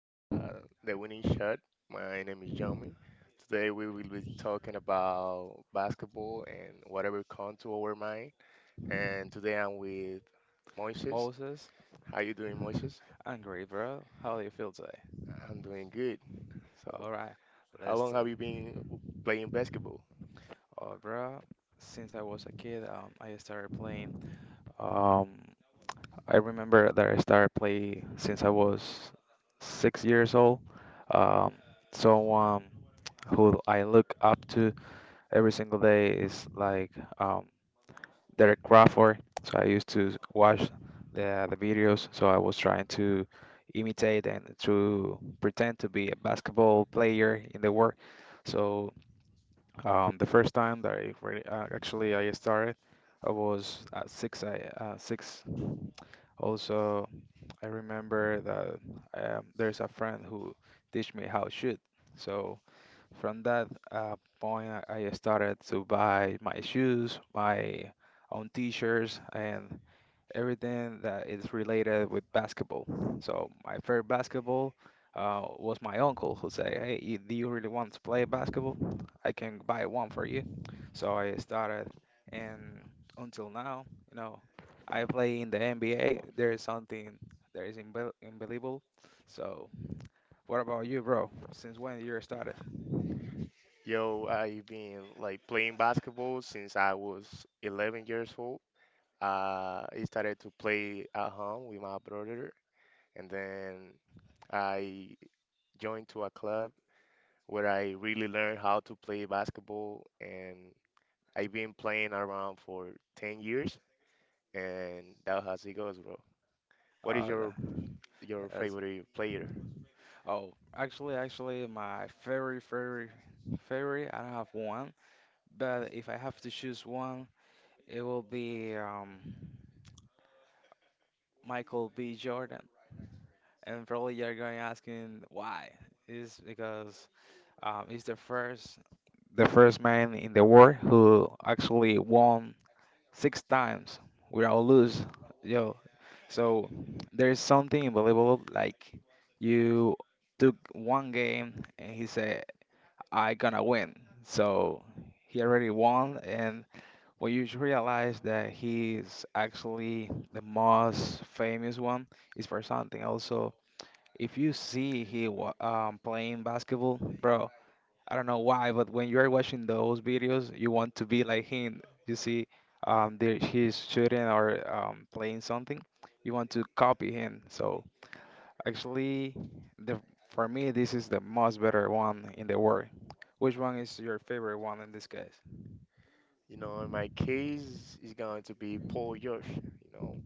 The Winning Shot. My name is Yomi. Today, we will be talking about basketball and whatever comes to our mind. And today, I'm with Moises. Moses How you doing, Moises? and great, bro. How do you feel today? I'm doing good. So, All right, how let's long do it. have you been playing basketball? Oh, bro. Since I was a kid, I started playing. Um, I remember that I started play since I was 6 years old. Um, Someone who I look up to every single day is like um, Derek Crawford. So I used to watch the videos. So I was trying to imitate and to pretend to be a basketball player in the world. So the first time that I really, actually, I started, I was at six. I six. Also, I remember that there's a friend who teach me how to shoot. So from that point, I started to buy my shoes, my own t-shirts, and everything that is related with basketball. So my favorite basketball was my uncle who say, "Hey, you, do you really want to play basketball? I can buy one for you." So I started, and until now, you know, I play in the NBA. There is something that is unbelievable. So what about you, bro? Since when you started? Yo, I've been like playing basketball since I was 11 years old. I started to play at home with my brother, and then I joined to a club where I really learned how to play basketball, and I've been playing around for 10 years, and that's how it goes, bro. What is Uh, the- your that's, favorite player? actually, my very I don't have one. But if I have to choose one, it will be Michael B. Jordan. And probably you're going to asking why. It's because he's the first man in the world who actually won 6 times without lose. Yo, so there's something unbelievable. Like you took one game and he said, "I gonna win." So he already won, and well, you should realize that he's actually the most famous one is for something. Also, if you see he playing basketball, bro, I don't know why, but when you're watching those videos, you want to be like him. You see, there he's shooting or playing something, you want to copy him. So actually, the for me, this is the most better one in the world. Which one is your favorite one in this case? You know, in my case, it's going to be Paul George. You know,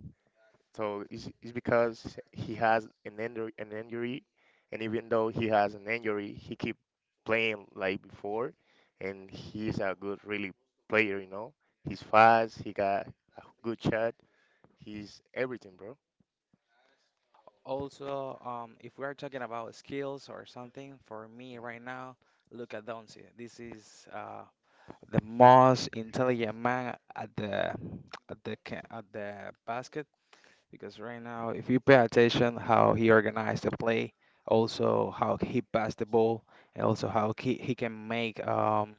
so it's because he has an injury, and even though he has an injury, he keep playing like before, and he's a good really player. You know, he's fast. He got a good shot. He's everything, bro. Also, if we're talking about skills or something, for me Mm. right now, look at Donzi. This is the most intelligent man at the at the basket because right now, if you pay attention how he organized the play, also how he passed the ball, and also how he can make um,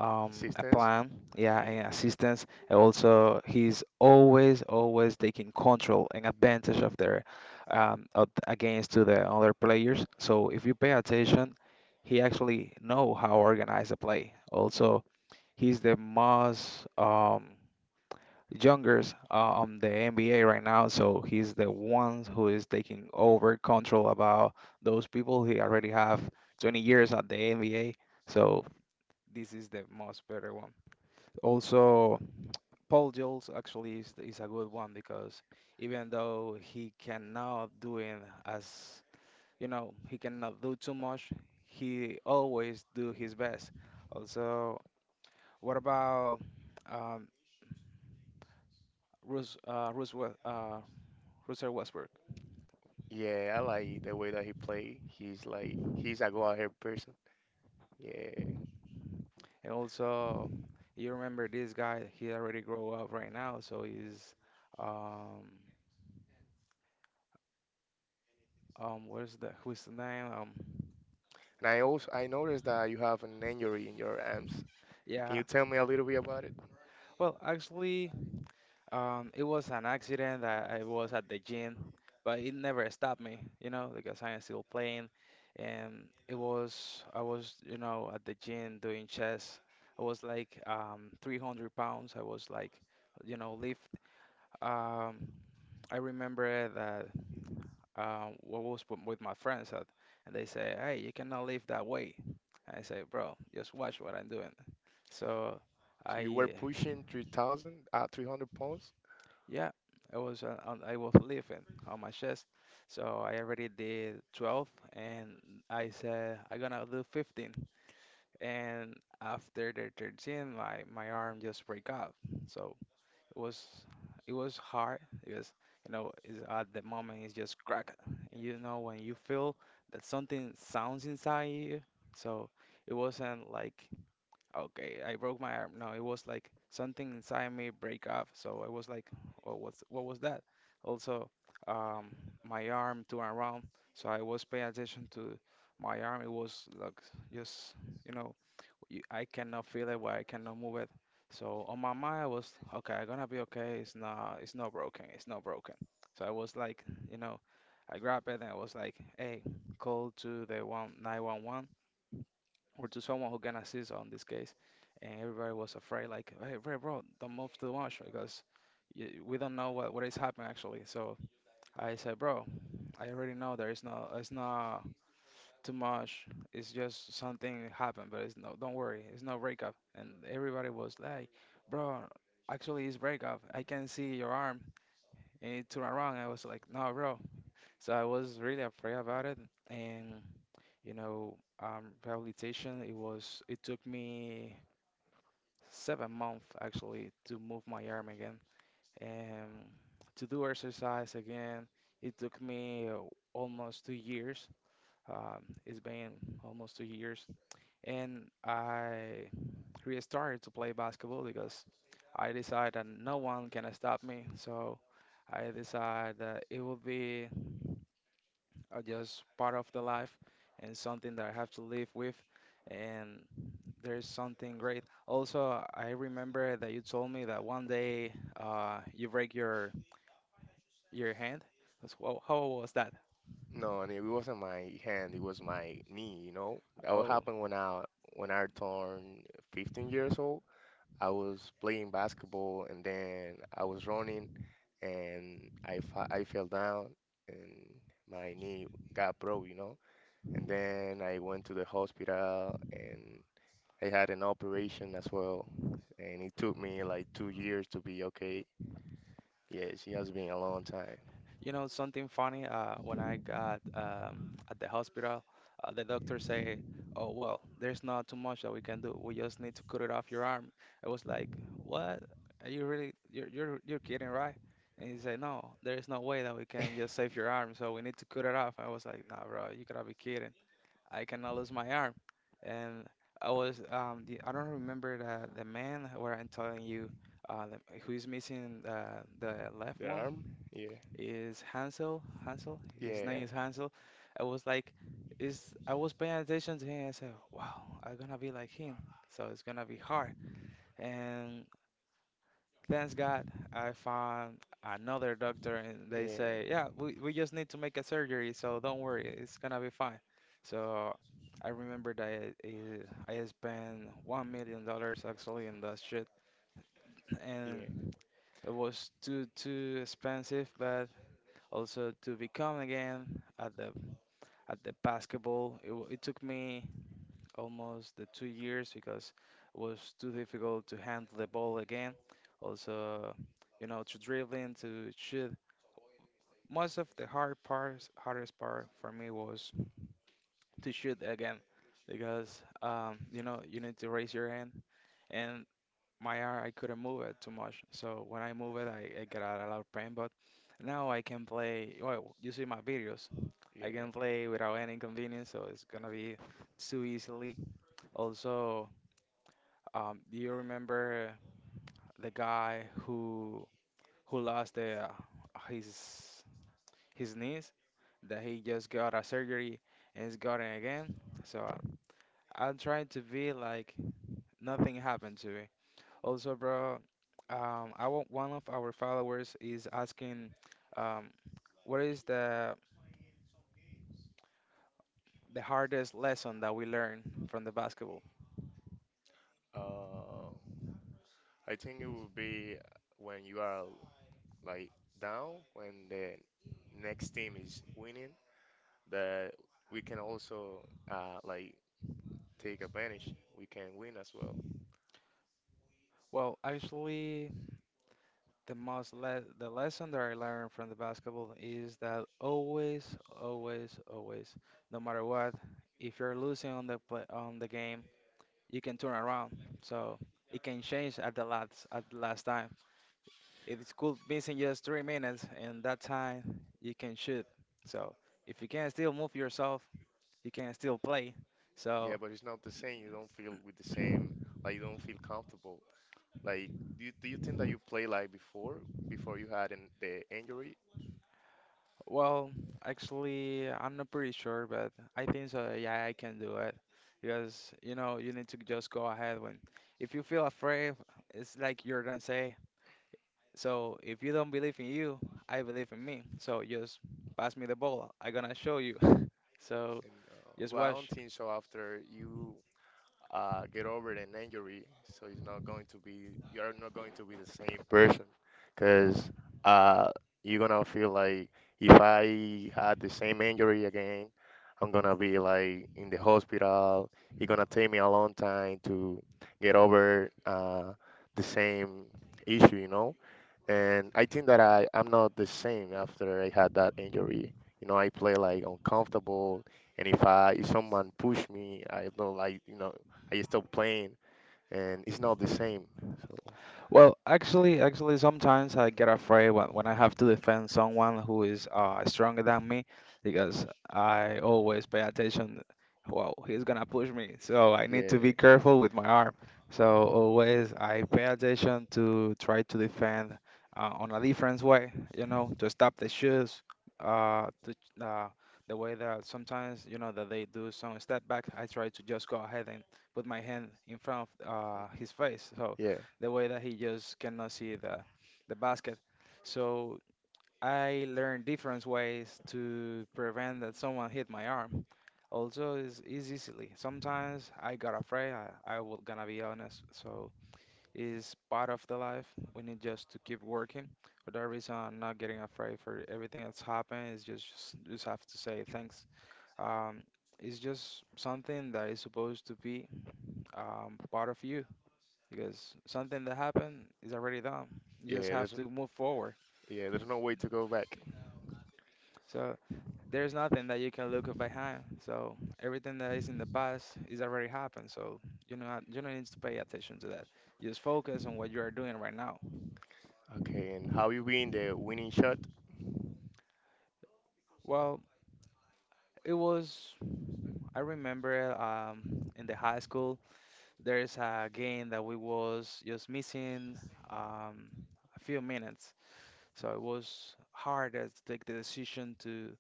um a Assistance. plan, yeah, Yeah. and assistance, and also he's always always taking control and advantage of their of, against to the other players. So if you pay attention, he actually know how organize the play. Also, he's the most youngest on the NBA right now, so he's the one who is taking over control about those people. He already have 20 years at the NBA, so this is the most better one. Also, Paul Jules actually is a good one because even though he cannot doing as, you know, he cannot do too much, he always do his best. Also, what about um, Rus uh, Russell uh, Russell Westbrook? Yeah, I like the way that he play. He's a go out here person. Yeah. And also, you remember this guy? He already grow up right now, so he's um where's the, who's the name, And I also I noticed that you have an injury in your arms. Can yeah, you tell me a little bit about it? well, actually, it was an accident. I was at the gym, but it never stopped me, you know, because I am still playing. And it was, I was, you know, at the gym doing chest. I was like 300 pounds. I was like, you know, lift. Um, I remember that I was with my friends at, and they say, hey, you cannot lift that weight. I say, bro, just watch what I'm doing. So So you were I pushing 3,000 300 pounds? yeah, I was on, I was living on my chest, so I already did 12, and I said I'm gonna do 15, and after the 13, my arm just break off. So it was, it was hard because, you know, it's, at the moment it's just crack, and you know when you feel that something sounds inside you. So it wasn't like, okay, I broke my arm. No, it was like something inside me break off. So I was like, what was, what was that? Also, um, my arm to and around. So I was paying attention to my arm. It was like just, you know, you, I cannot feel it, but I cannot move it. So on my mind, I was okay. I'm gonna be okay. It's not broken. It's not broken. So I was like, you know, I grabbed it and I was like, hey, call to the one nine one one or to someone who can assist on this case. And everybody was afraid, like, hey, Ray, bro, don't move too much because we don't know what is happening actually. So I said, bro, I already know there is no, it's not too much. It's just something happened, but it's no, don't worry, it's no breakup. And everybody was like, bro, actually it's breakup. I can see your arm. And it turned around. I was like, no, bro. So I was really afraid about it. And, you know, rehabilitation, it took me 7 months actually to move my arm again and to do exercise again. It took me almost 2 years. It's been almost 2 years, and I restarted to play basketball because I decided that no one can stop me. So I decided that it will be just part of the life and something that I have to live with. And there's something great. Also, I remember that you told me that one day you break your hand. That's- Whoa, how was that? No, and it wasn't my hand, it was my knee. That what Oh, happened when I turned 15 years old. I was playing basketball and then I was running and I fell down and my knee got broke. And then I went to the hospital and I had an operation as well. And it took me like 2 years to be okay. Yeah, it has been a long time. you know something funny? When I got at the hospital, the doctor say, "Oh, well, there's not too much that we can do. We just need to cut it off your arm." I was like, "What? Are you really? You're kidding, right?" And he said, "No, there is no way that we can just save your arm. So we need to cut it off." I was like, "Nah, bro, you gotta be kidding." I cannot lose my arm. And I was the, I don't remember the man where I'm telling you who is missing the left The one arm? Yeah, is Hansel. His yeah, name is Hansel. I was like, is I was paying attention to him. I said, wow, I'm gonna be like him, so it's gonna be hard. And thanks God, I found another doctor, and they say, yeah, yeah, we just need to make a surgery, so don't worry, it's gonna be fine. So I remember that I spent $1 million actually in that shit, yeah, and it was too expensive. But also to become again at the at the basketball, it took me almost the 2 years because it was too difficult to handle the ball again. Also, you know, to dribbling, to shoot. Most of the hardest part for me was to shoot again because, you know, you need to raise your hand, and my arm, I couldn't move it too much. So when I move it, I get a lot of pain. But now I can play. Well, you see my videos. I yeah. can play without any inconvenience, so it's gonna be too easily. Also, do you remember the guy who lost the, his his knees? That he just got a surgery and he's got it again. So I'm trying to be like nothing happened to me. Also, bro, I want one of our followers is asking, um, what is the hardest lesson that we learned from the basketball? Uh, I think it would be when you are like down, when the next team is winning, that we can also like take advantage. We can win as well. Well, actually, the lesson that I learned from the basketball is that always, always, always, no matter what, if you're losing on on the game, you can turn around. So it can change at the last time. If it's cool missing just 3 minutes, and that time you can shoot. So if you can still move yourself, you can still play. So Yeah, but it's not the same. You don't feel with the same, like you don't feel comfortable. Like, do you think that you play like before you had the injury? well, actually, I'm not pretty sure, but I think so. Yeah, I can do it because, you know, you need to just go ahead when, if you feel afraid, it's like you're gonna say. So if you don't believe in you, I believe in me. So just pass me the ball. I'm gonna show you. So And just well, I don't watch. think so. After you get over an injury, so he's not going to be you're not going to be the same person, because uh, you're gonna feel like if I had the same injury again, I'm gonna be like in the hospital. It's gonna take me a long time to get over the same issue. And I think that I'm not the same after I had that injury. You know, I play like uncomfortable, and if someone push me, I don't like. I stop playing, and it's not the same. So Well, actually, sometimes I get afraid when I have to defend someone who is stronger than me because I always pay attention. Well, he's gonna push me, so I need yeah, to be careful with my arm. So always I pay attention to try to defend on a different way, you know, to stop the shoes, uh, to, uh, the way that sometimes you know that they do some step back. I try to just go ahead and put my hand in front of his face, so yeah, the way that he just cannot see the basket. So I learned different ways to prevent that someone hit my arm. Also, is easily. Sometimes I got afraid. I will gonna be honest. So it's part of the life. We need just to keep working. For that reason, I'm not getting afraid for everything that's happened. It's just have to say thanks. Um, it's just something that is supposed to be part of you because something that happened is already done. You just yeah. have There's to move forward. yeah, there's no way to go back. So there's nothing that you can look behind. So everything that is in the past is already happened. So you know you don't need to pay attention to that. You just focus on what you are doing right now. Okay, and how you win the winning shot? Well, it was I remember in the high school there is a game that we was just missing um, a few minutes. So it was hard as to take the decision to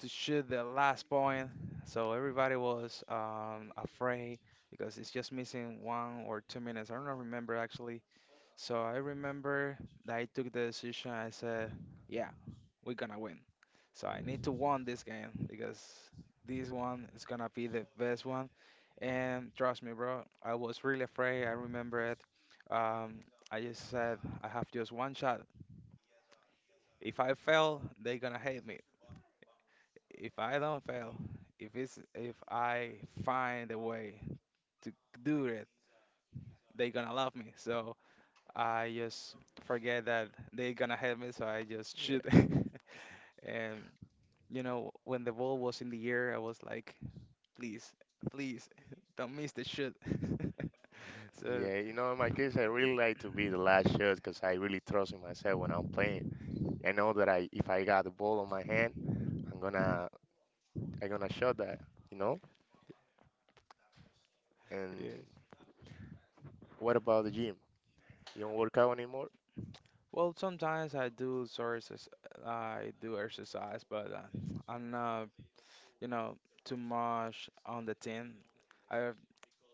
shoot the last point. So everybody was afraid because it's just missing 1 or 2 minutes. I don't remember actually. So I remember that I took the decision. I said, yeah, we're gonna win. So I need to win this game because this one is gonna be the best one. And trust me, bro, I was really afraid. I remember it. Um, I just said, I have just one shot. If I fail, they're gonna hate me if I don't fail, if I find a way to do it, they gonna love me. So I just forget that they gonna help me, so I just shoot. Yeah. And you know, when the ball was in the air, I was like, please, please, don't miss the shoot. So Yeah, in my case, I really like to be the last shot because I really trust in myself when I'm playing. I know that if I got the ball on my hand, I'm gonna, I'm gonna shot that, you know. yeah. And what about the gym? You don't work out anymore? Well, sometimes I do sort of I do exercise, but I'm not, you know, too much on the team. I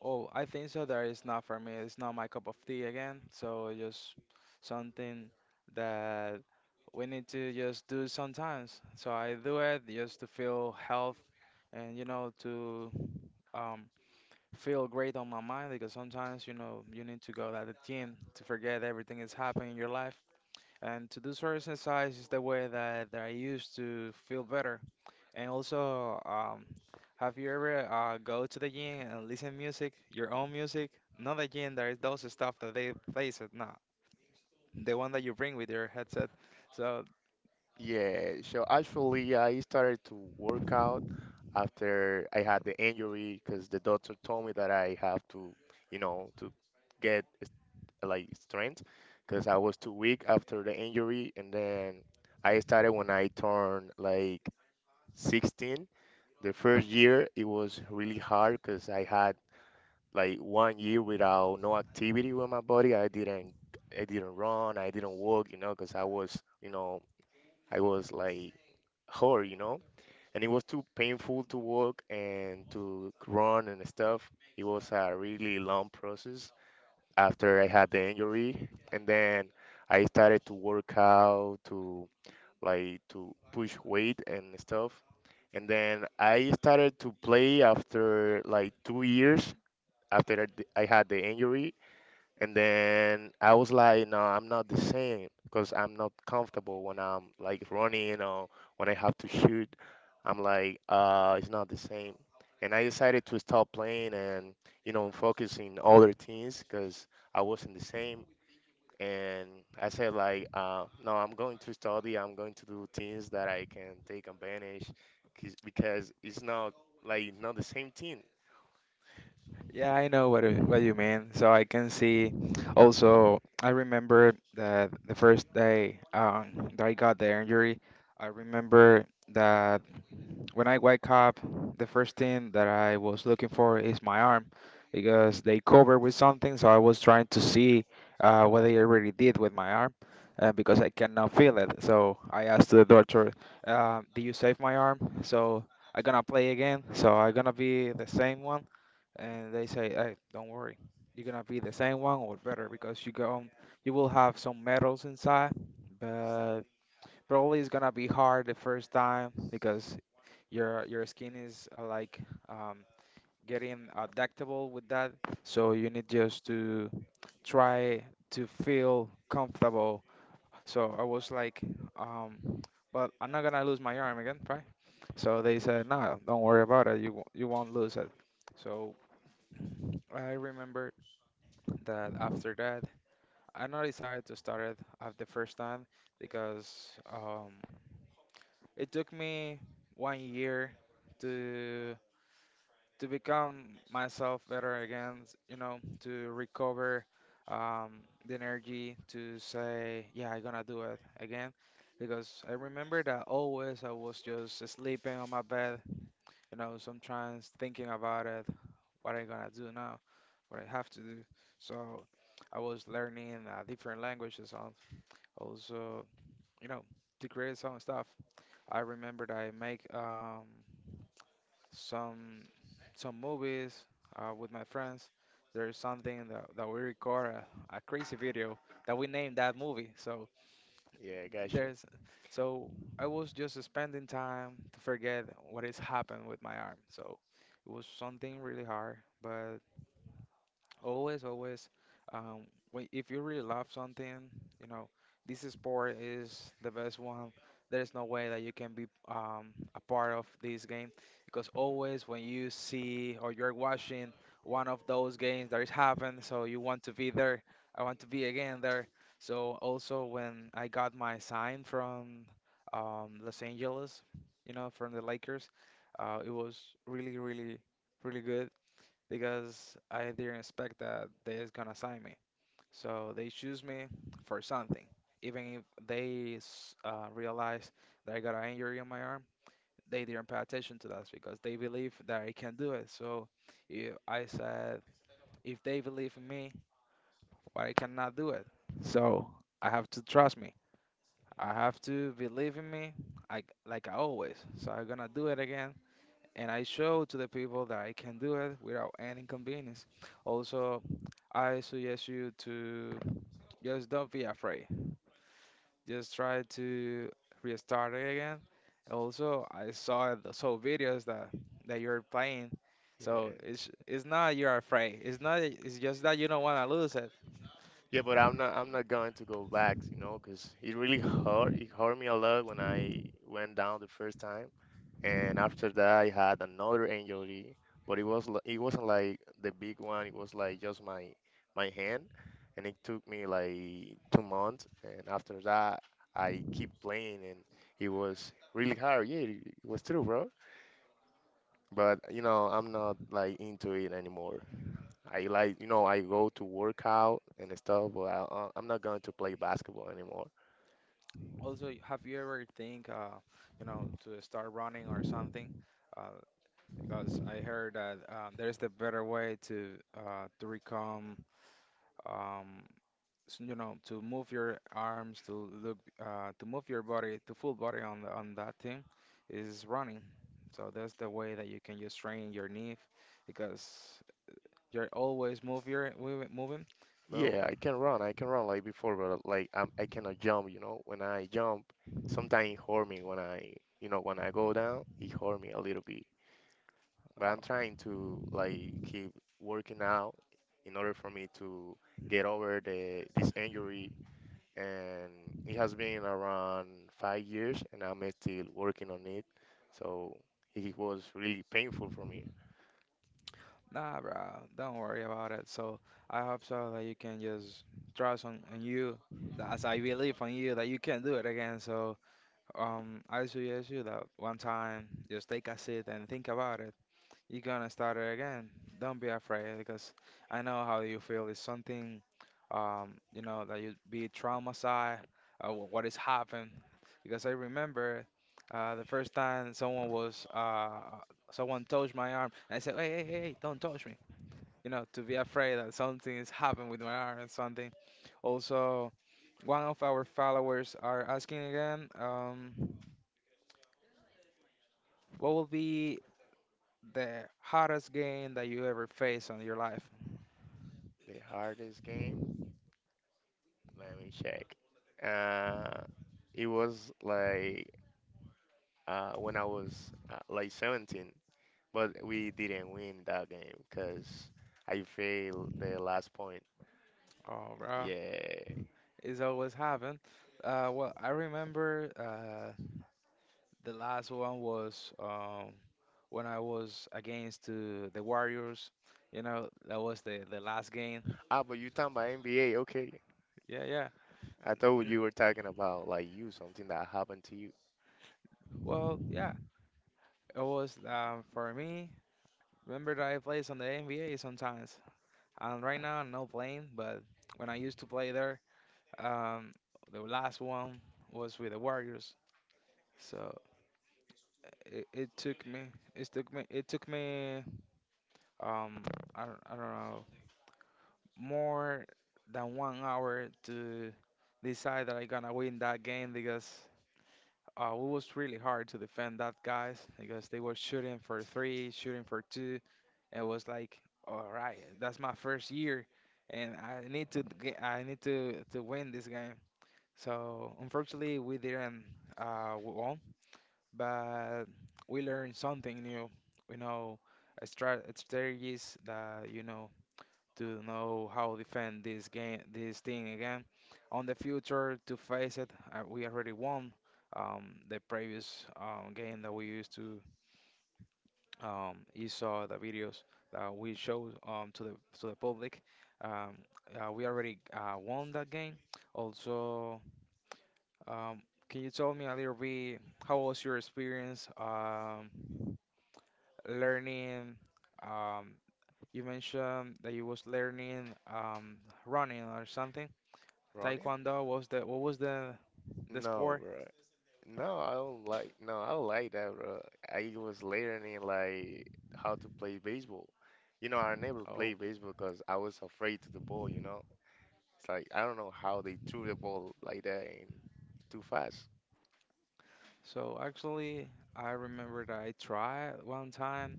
Oh, I think so. That is not for me. It's not my cup of tea again. So just something that we need to just do sometimes. So I do it just to feel health and you know to um feel great on my mind because sometimes you know you need to go to the gym to forget everything that's happening in your life. And to do certain exercise is the way that I used to feel better. And also, have you ever go to the gym and listen music, your own music? Not the gym, there is those stuff that they play, so no, the one that you bring with your headset. So Yeah, so actually, I started to work out after I had the injury because the doctor told me that I have to get like strength because I was too weak after the injury. And then I started when I turned like 16. The first year, it was really hard because I had like one year without no activity with my body. I didn't run, I didn't walk, because I was like hurt, and it was too painful to walk and to run and stuff. It was a really long process after I had the injury, and then I started to work out to like to push weight and stuff. And then I started to play after like 2 years after I had the injury, and then I was like, no, I'm not the same because I'm not comfortable when I'm like running or when I have to shoot. I'm like, it's not the same. And I decided to stop playing and focusing other things because I wasn't the same. And I said like, no, I'm going to study. I'm going to do things that I can take advantage because it's not like not the same thing. yeah, I know what what you mean. So I can see. Also, I remember that the first day that I got the injury, I remember that when I wake up, the first thing that I was looking for is my arm because they covered with something. So I was trying to see what they already did with my arm because I cannot feel it. So I asked the doctor, "Did you save my arm?" So I am gonna play again. So I am gonna be the same one, and they say, "Hey, don't worry. You're gonna be the same one or better because you go, you will have some metals inside, but probably it's gonna be hard the first time because your skin is like um, getting adaptable with that, so you need just to try to feel comfortable." So I was like, um, but I'm not gonna lose my arm again, right? So they said, no, don't worry about it. You won't lose it. So I remembered that after that, I not decided to start it at the first time because it took me 1 year to become myself better again, you know, to recover the energy to say, yeah, I'm gonna do it again. Because I remember that always I was just sleeping on my bed, you know, sometimes thinking about it, what I'm gonna do now, what I have to do. So I was learning different languages, also, you know, to create some stuff. I remember that I make some some movies with my friends. There is something that we record a crazy video that we named that movie. So Yeah, gotcha. there's so I was just spending time to forget what has happened with my arm. So it was something really hard, but always, always. Um, when, if you really love something, you know, this sport is the best one. There is no way that you can be a part of this game because always when you see or you're watching one of those games that is happening, so you want to be there. I want to be again there. So also when I got my sign from Los Angeles, you know, from the Lakers, it was really, really, really good because I didn't expect that they're gonna sign me. So they choose me for something. Even if realize that I got an injury on my arm, they didn't pay attention to that because they believe that I can do it. So if I said, if they believe in me, why I cannot do it? So I have to trust me. I have to believe in me, like I always. So I'm gonna do it again and I show to the people that I can do it without any inconvenience. Also, I suggest you to just don't be afraid. Just try to restart it again. Also, I saw the so videos that you're playing, so Yeah. it's not you're afraid. It's not. It's just that you don't want to lose it. Yeah, but I'm not going to go back, because it really hurt. It hurt me a lot when I went down the first time, and after that I had another injury, but it wasn't like the big one. It was like just my hand, and it took me like 2 months. And after that I keep playing, and it was really hard. Yeah, it was true, bro. But I'm not like into it anymore. I like. I go to work out and stuff, but I'm not going to play basketball anymore. Also, have you ever think, you know, to start running or something? Uh, because I heard that there's the better way to become um, you know, to move your arms, to look, to move your body, to full body on on that thing is running. So that's the way that you can just train your knee because you're always move your mov- moving. Well, Yeah, I can run. I can run like before, but like I cannot jump. When I jump, sometimes it hurt me when I go down, it hurt me a little bit. But uh, I'm trying to like keep working out in order for me to get over the this injury. And it has been around 5 years, and I'm still working on it. So it was really painful for me. nah, bro, don't worry about it. So I hope so that you can just trust on you, that- as I believe on you that you can do it again. So I suggest you that one time just take a seat and think about it. You're gonna start it again. Don't be afraid because I know how you feel. It's something, you know, that you be traumatized, what has happened. Because I remember the first time someone was, someone touched my arm, and I said, hey, hey, hey, hey, don't touch me. You know, to be afraid that something has happened with my arm and something. Also, one of our followers are asking again, what will be the hardest game that you ever faced on your life? The hardest game, let me check. Uh, it was like when I was like 17, but we didn't win that game because I failed the last point. Oh, bro, Yeah. it's always happened. Well, I remember the last one was when I was against to the Warriors. You know, that was the last game. Ah, but you talking about NBA? Okay. Yeah, yeah. I thought you were talking about like you, something that happened to you. Well, yeah, it was for me. Remember that I plays on the NBA sometimes, and right now I'm not playing. But when I used to play there, um, the last one was with the Warriors. So it took me, it took me. um I don't know more than 1 hour to decide that I'm gonna win that game because it was really hard to defend that guys because they were shooting for three, shooting for two. It was like, all right, that's my first year, and I need to win this game. So unfortunately, we didn't won, but we learned something new. You know a strategies that you know to know how defend this game, this thing again. On the future, to face it, we already won. The previous game that we used to, you saw the videos that we showed to the public. Um, we already won that game. Also, um, can you tell me a little bit how was your experience learning? Um, you mentioned that you was learning running or something. Ronnie? Taekwondo was the what was the No, sport? bro. No, I don't like. No, I don't like that, bro. I was learning like how to play baseball. You know, I never Oh, played baseball because I was afraid to the ball. You know, it's like I don't know how they threw the ball like that and too fast. so actually, I remember that I tried one time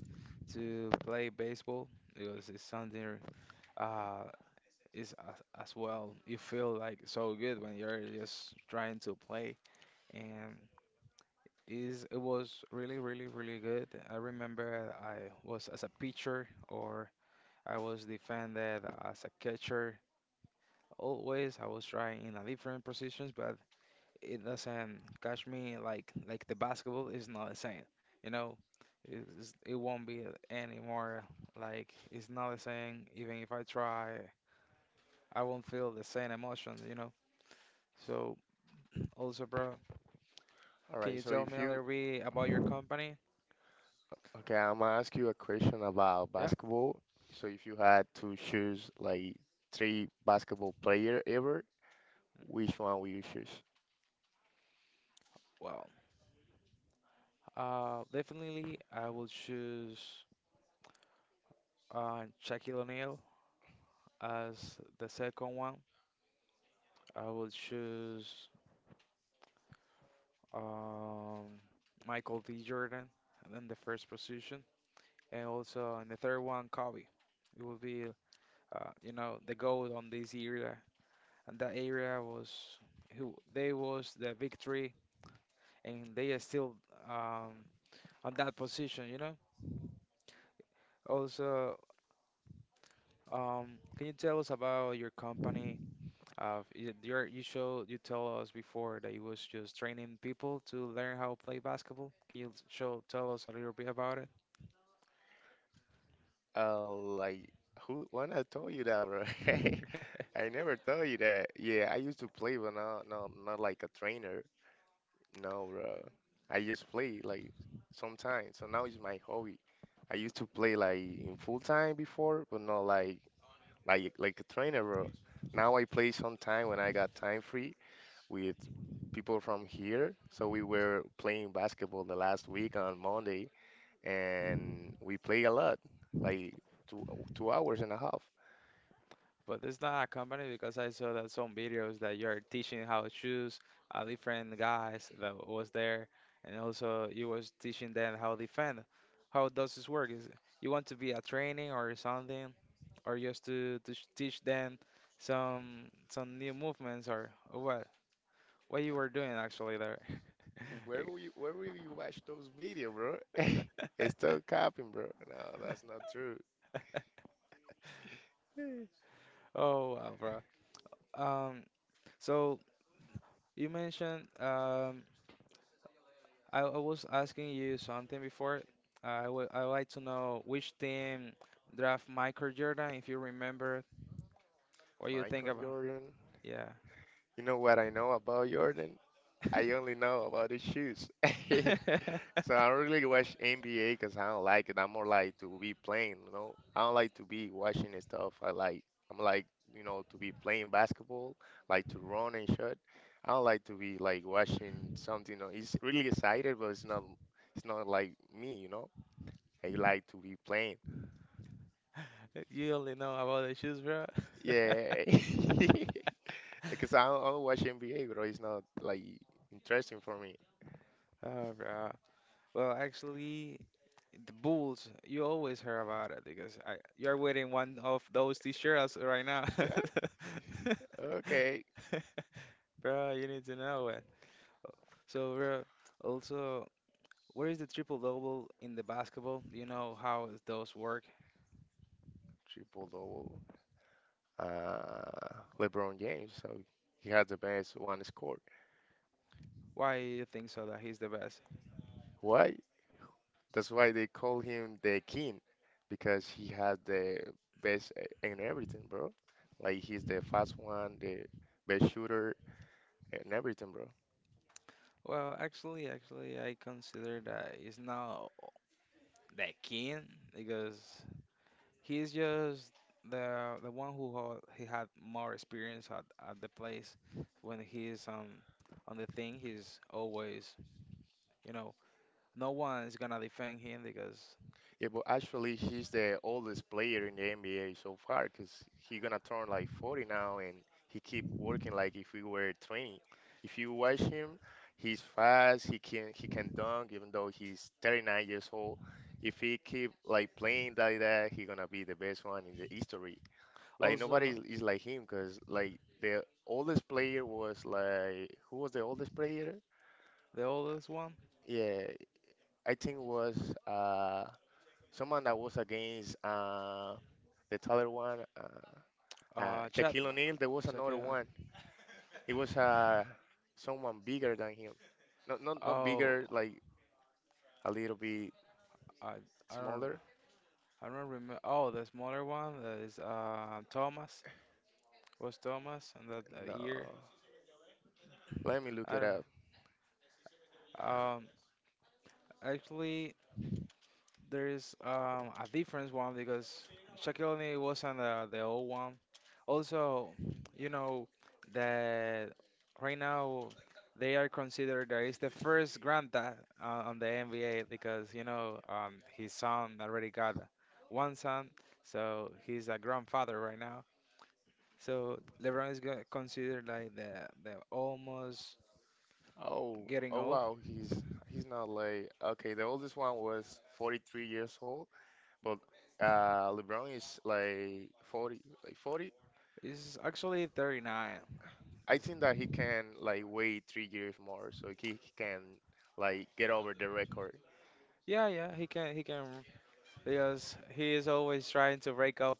to play baseball because it's something uh is as well. You feel like so good when you're just trying to play and is it was really really really good. I remember I was as a pitcher or I was defended as a catcher. Always I was trying in a different positions, but it doesn't catch me like the basketball is not the same. You know, it won't be anymore. Like it's not the same. Even if I try, I won't feel the same emotions. So also, bro, All can you right, so tell me if a you little bit about your company? okay, I'm gonna ask you a question about Yeah. basketball. So if you had to choose like three basketball player ever, which one will you choose? Well, definitely I will choose Shaquille O'Neal as the second one. I will choose um, Michael D. Jordan in the first position. And also in the third one, Kobe. It will be, you know, the goal on this area, and that area was who they was the victory, and they are still um, on that position, Also, can you tell us about your company? Y- your you show you tell us before that you was just training people to learn how to play basketball. Can you show tell us a little bit about Like who? When I told you that, bro? it? I never told you that. Yeah, I used to play, but not like a trainer. No, bro. I just play like sometimes. So now it's my hobby. I used to play like in full time before, but not like a trainer, bro. Now I play sometime when I got time free with people from here. So we were playing basketball the last week on Monday and we play a lot, like two two hours and a half. But it's not a company because I saw that some videos that you're teaching how to choose different guys that was there, and also you was teaching them how to defend. How does this work? Is you want to be a training or something, or just to teach them some new movements or what? What you were doing actually there? Where will you watch those video, bro? It's Like- still copying, bro. No, that's not true. Oh wow, bro. Um, so you mentioned I was asking you something before. I would like to know which team draft Michael Jordan, if you remember what you think Michael about. Jordan. Yeah. You know what I know about Jordan? I only know about his shoes. So I don't really watch NBA because I don't like it. I'm more like to be playing. I don't like to be watching and stuff. I'm like to be playing basketball, like to run and shoot. I don't like to be like watching something. You know, it's really excited, but it's not like me. I like to be playing. You only know about the shoes, bro. Yeah. Because I don't watch NBA, bro. It's not like interesting for me. Oh, bro. Well, actually, the Bulls, you always hear about it because you're wearing one of those t-shirts right now. Eh, Okay. Bro, you need to know it. So, bro, also, what is the triple double in the basketball? Do you know how those work? Triple double. uh, LeBron James, so he had the best one score. Why you think so that he's the best? Why? That's why they call him the king, because he had the best in everything, bro. Like he's the fast one, the best shooter, and everything, bro. Well, actually, I consider that he's not the king because he's just the one who he had more experience at the place. When he's on the thing, he's always you know no one is gonna defend him because Yeah, but actually, he's the oldest player in the NBA so far because he gonna turn like 40 now, and he keep working like if we were 20. If you watch him, he's fast. He can dunk even though he's 39 years old. If he keep like playing like that, he gonna be the best one in the history. Like also nobody is like him because like the oldest player was like who was the oldest player? the oldest one, Yeah, I think it was someone that was against the taller one, Chapman. Shaquille O'Neal. There was Check it another out. one. It was someone bigger than him. Not Oh, bigger, like a little bit I I don't. smaller. I don't remember. Oh, the smaller one that is Thomas. Was Thomas and that year? No, let me I look don't. it up. Um, actually, there's a different one because Shaquille O'Neal wasn't the old one. Also, you know that right now they are considered that he's the first granddad on the NBA because you know his son already got one son, so he's a grandfather right now. So LeBron is go- considered like the almost Oh, getting oh old. wow, he's not like okay. The oldest one was 43 years old, but LeBron is like 40, like 40, He's actually 39. It's- I think that he can like wait 3 years more, so he can like get over the record. yeah, yeah, he can because he is always trying to break up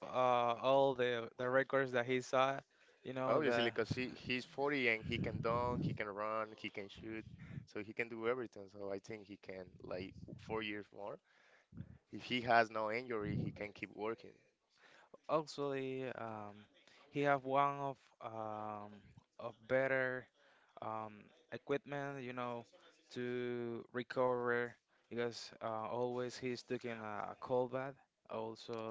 all the records that he saw. You know the Obviously, because he's 40 and he can dunk, he can run, he can shoot, so he can do everything. So I think he can like 4 years more. If he has no injury, he can keep working. actually he have one um, of better um, equipment. You know to recover because always he's taking a cold bath.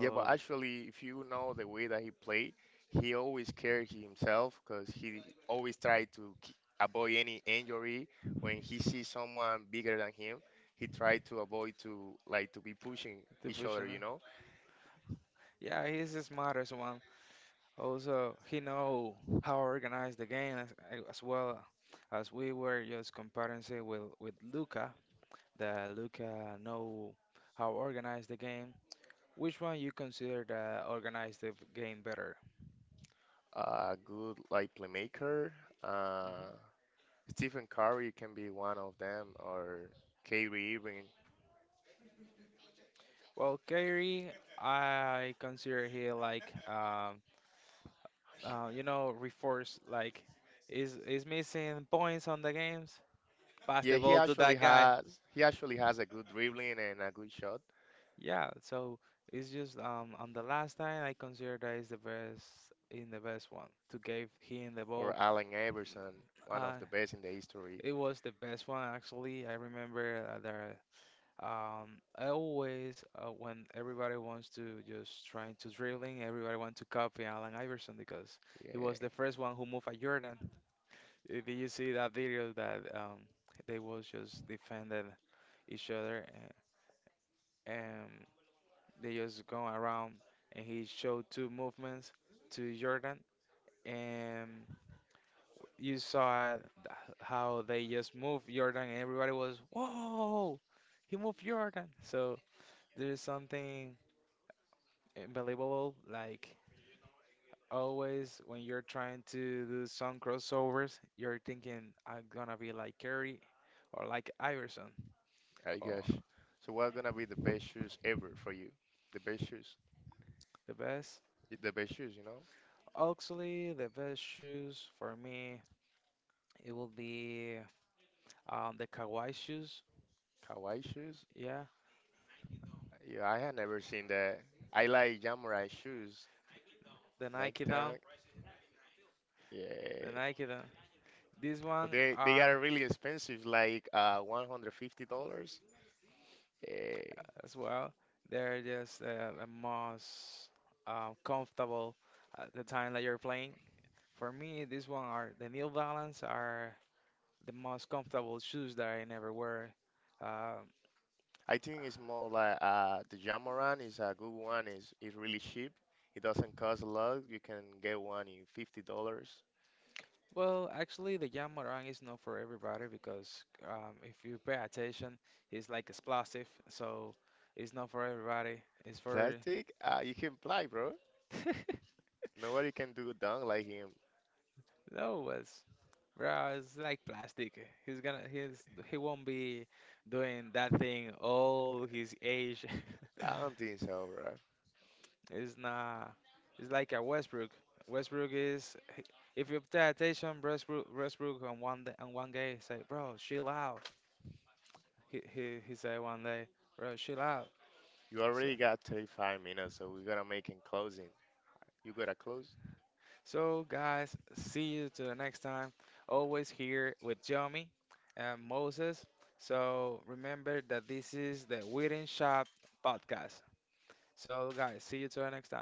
Yeah, but actually, if you know the way that he played, he always carried himself because he always tried to avoid any injury. When he sees someone bigger than him, he tried to avoid to like to be pushing The each vision. other. You know, Yeah, he's the smartest one. Also, he know how organize the game as well as we were just comparing say with Luca. That Luca know how organize the game. Which one you consider the organize the game better? Good like playmaker. Hmm. Uh, Stephen Curry can be one of them, or Kyrie Irving. Well, Kyrie, I consider he like you know, reforce like is missing points on the games, pass the Yeah, ball he to that actually guy. has he actually has a good dribbling and a good shot. Yeah, so it's just on the last time I consider that is the best in the best one to give him the ball. Or Allen Iverson, Uh, one of the best in the it history. was the best one actually. I remember that I always when everybody wants to just trying to dribbling, everybody want to copy Alan Iverson because he was the Yeah. first one who moved a Jordan. Did you see that video that they was just defended each other and, they just go around and he showed two movements to Jordan, and you saw how they just moved Jordan, and everybody was, "Whoa, he moved Jordan!" So there's something unbelievable. Like always, when you're trying to do some crossovers, you're thinking, "I'm gonna be like Curry, or like Iverson, I or guess. So what gonna be the best shoes ever for you? The best shoes, the best." the best shoes, Actually, the best shoes for me, it will be the Kawhi shoes. Hawaii shoes. Yeah, Yeah, I had never seen that. I like Jamurai shoes, the Nike Nike Dunk, Dunk. the Yeah, Nike Dunk. These one but they are are really expensive, like $150. Yeah. as well. They're just the most comfortable at the time that you're playing. For me, these one are the New Balance are the most comfortable shoes that I never wear. Uh, I think it's more like the Jamoran is a good one. Is really cheap. It doesn't cost a lot. You can get one in $50. well, actually, the Yamarang is not for everybody because if you pay attention, it's like explosive, so it's not for everybody. It's for Plastic, you can fly, bro. Nobody can do dunk like him. no, it's Bro, it's like plastic. He won't be doing that thing all his age. I don't think so, bro. It's not, it's like a Westbrook. Westbrook is, he- if you pay attention, Westbrook on one day, on one day, say, bro, chill out. He say one day, bro, chill out. You So, already got 35 minutes, so we got to make it closing. You gotta close? so guys, see you to the next time. Always here with Jomi and Moses. So remember that this is the Wedding Shop podcast. So, guys, see you till next time.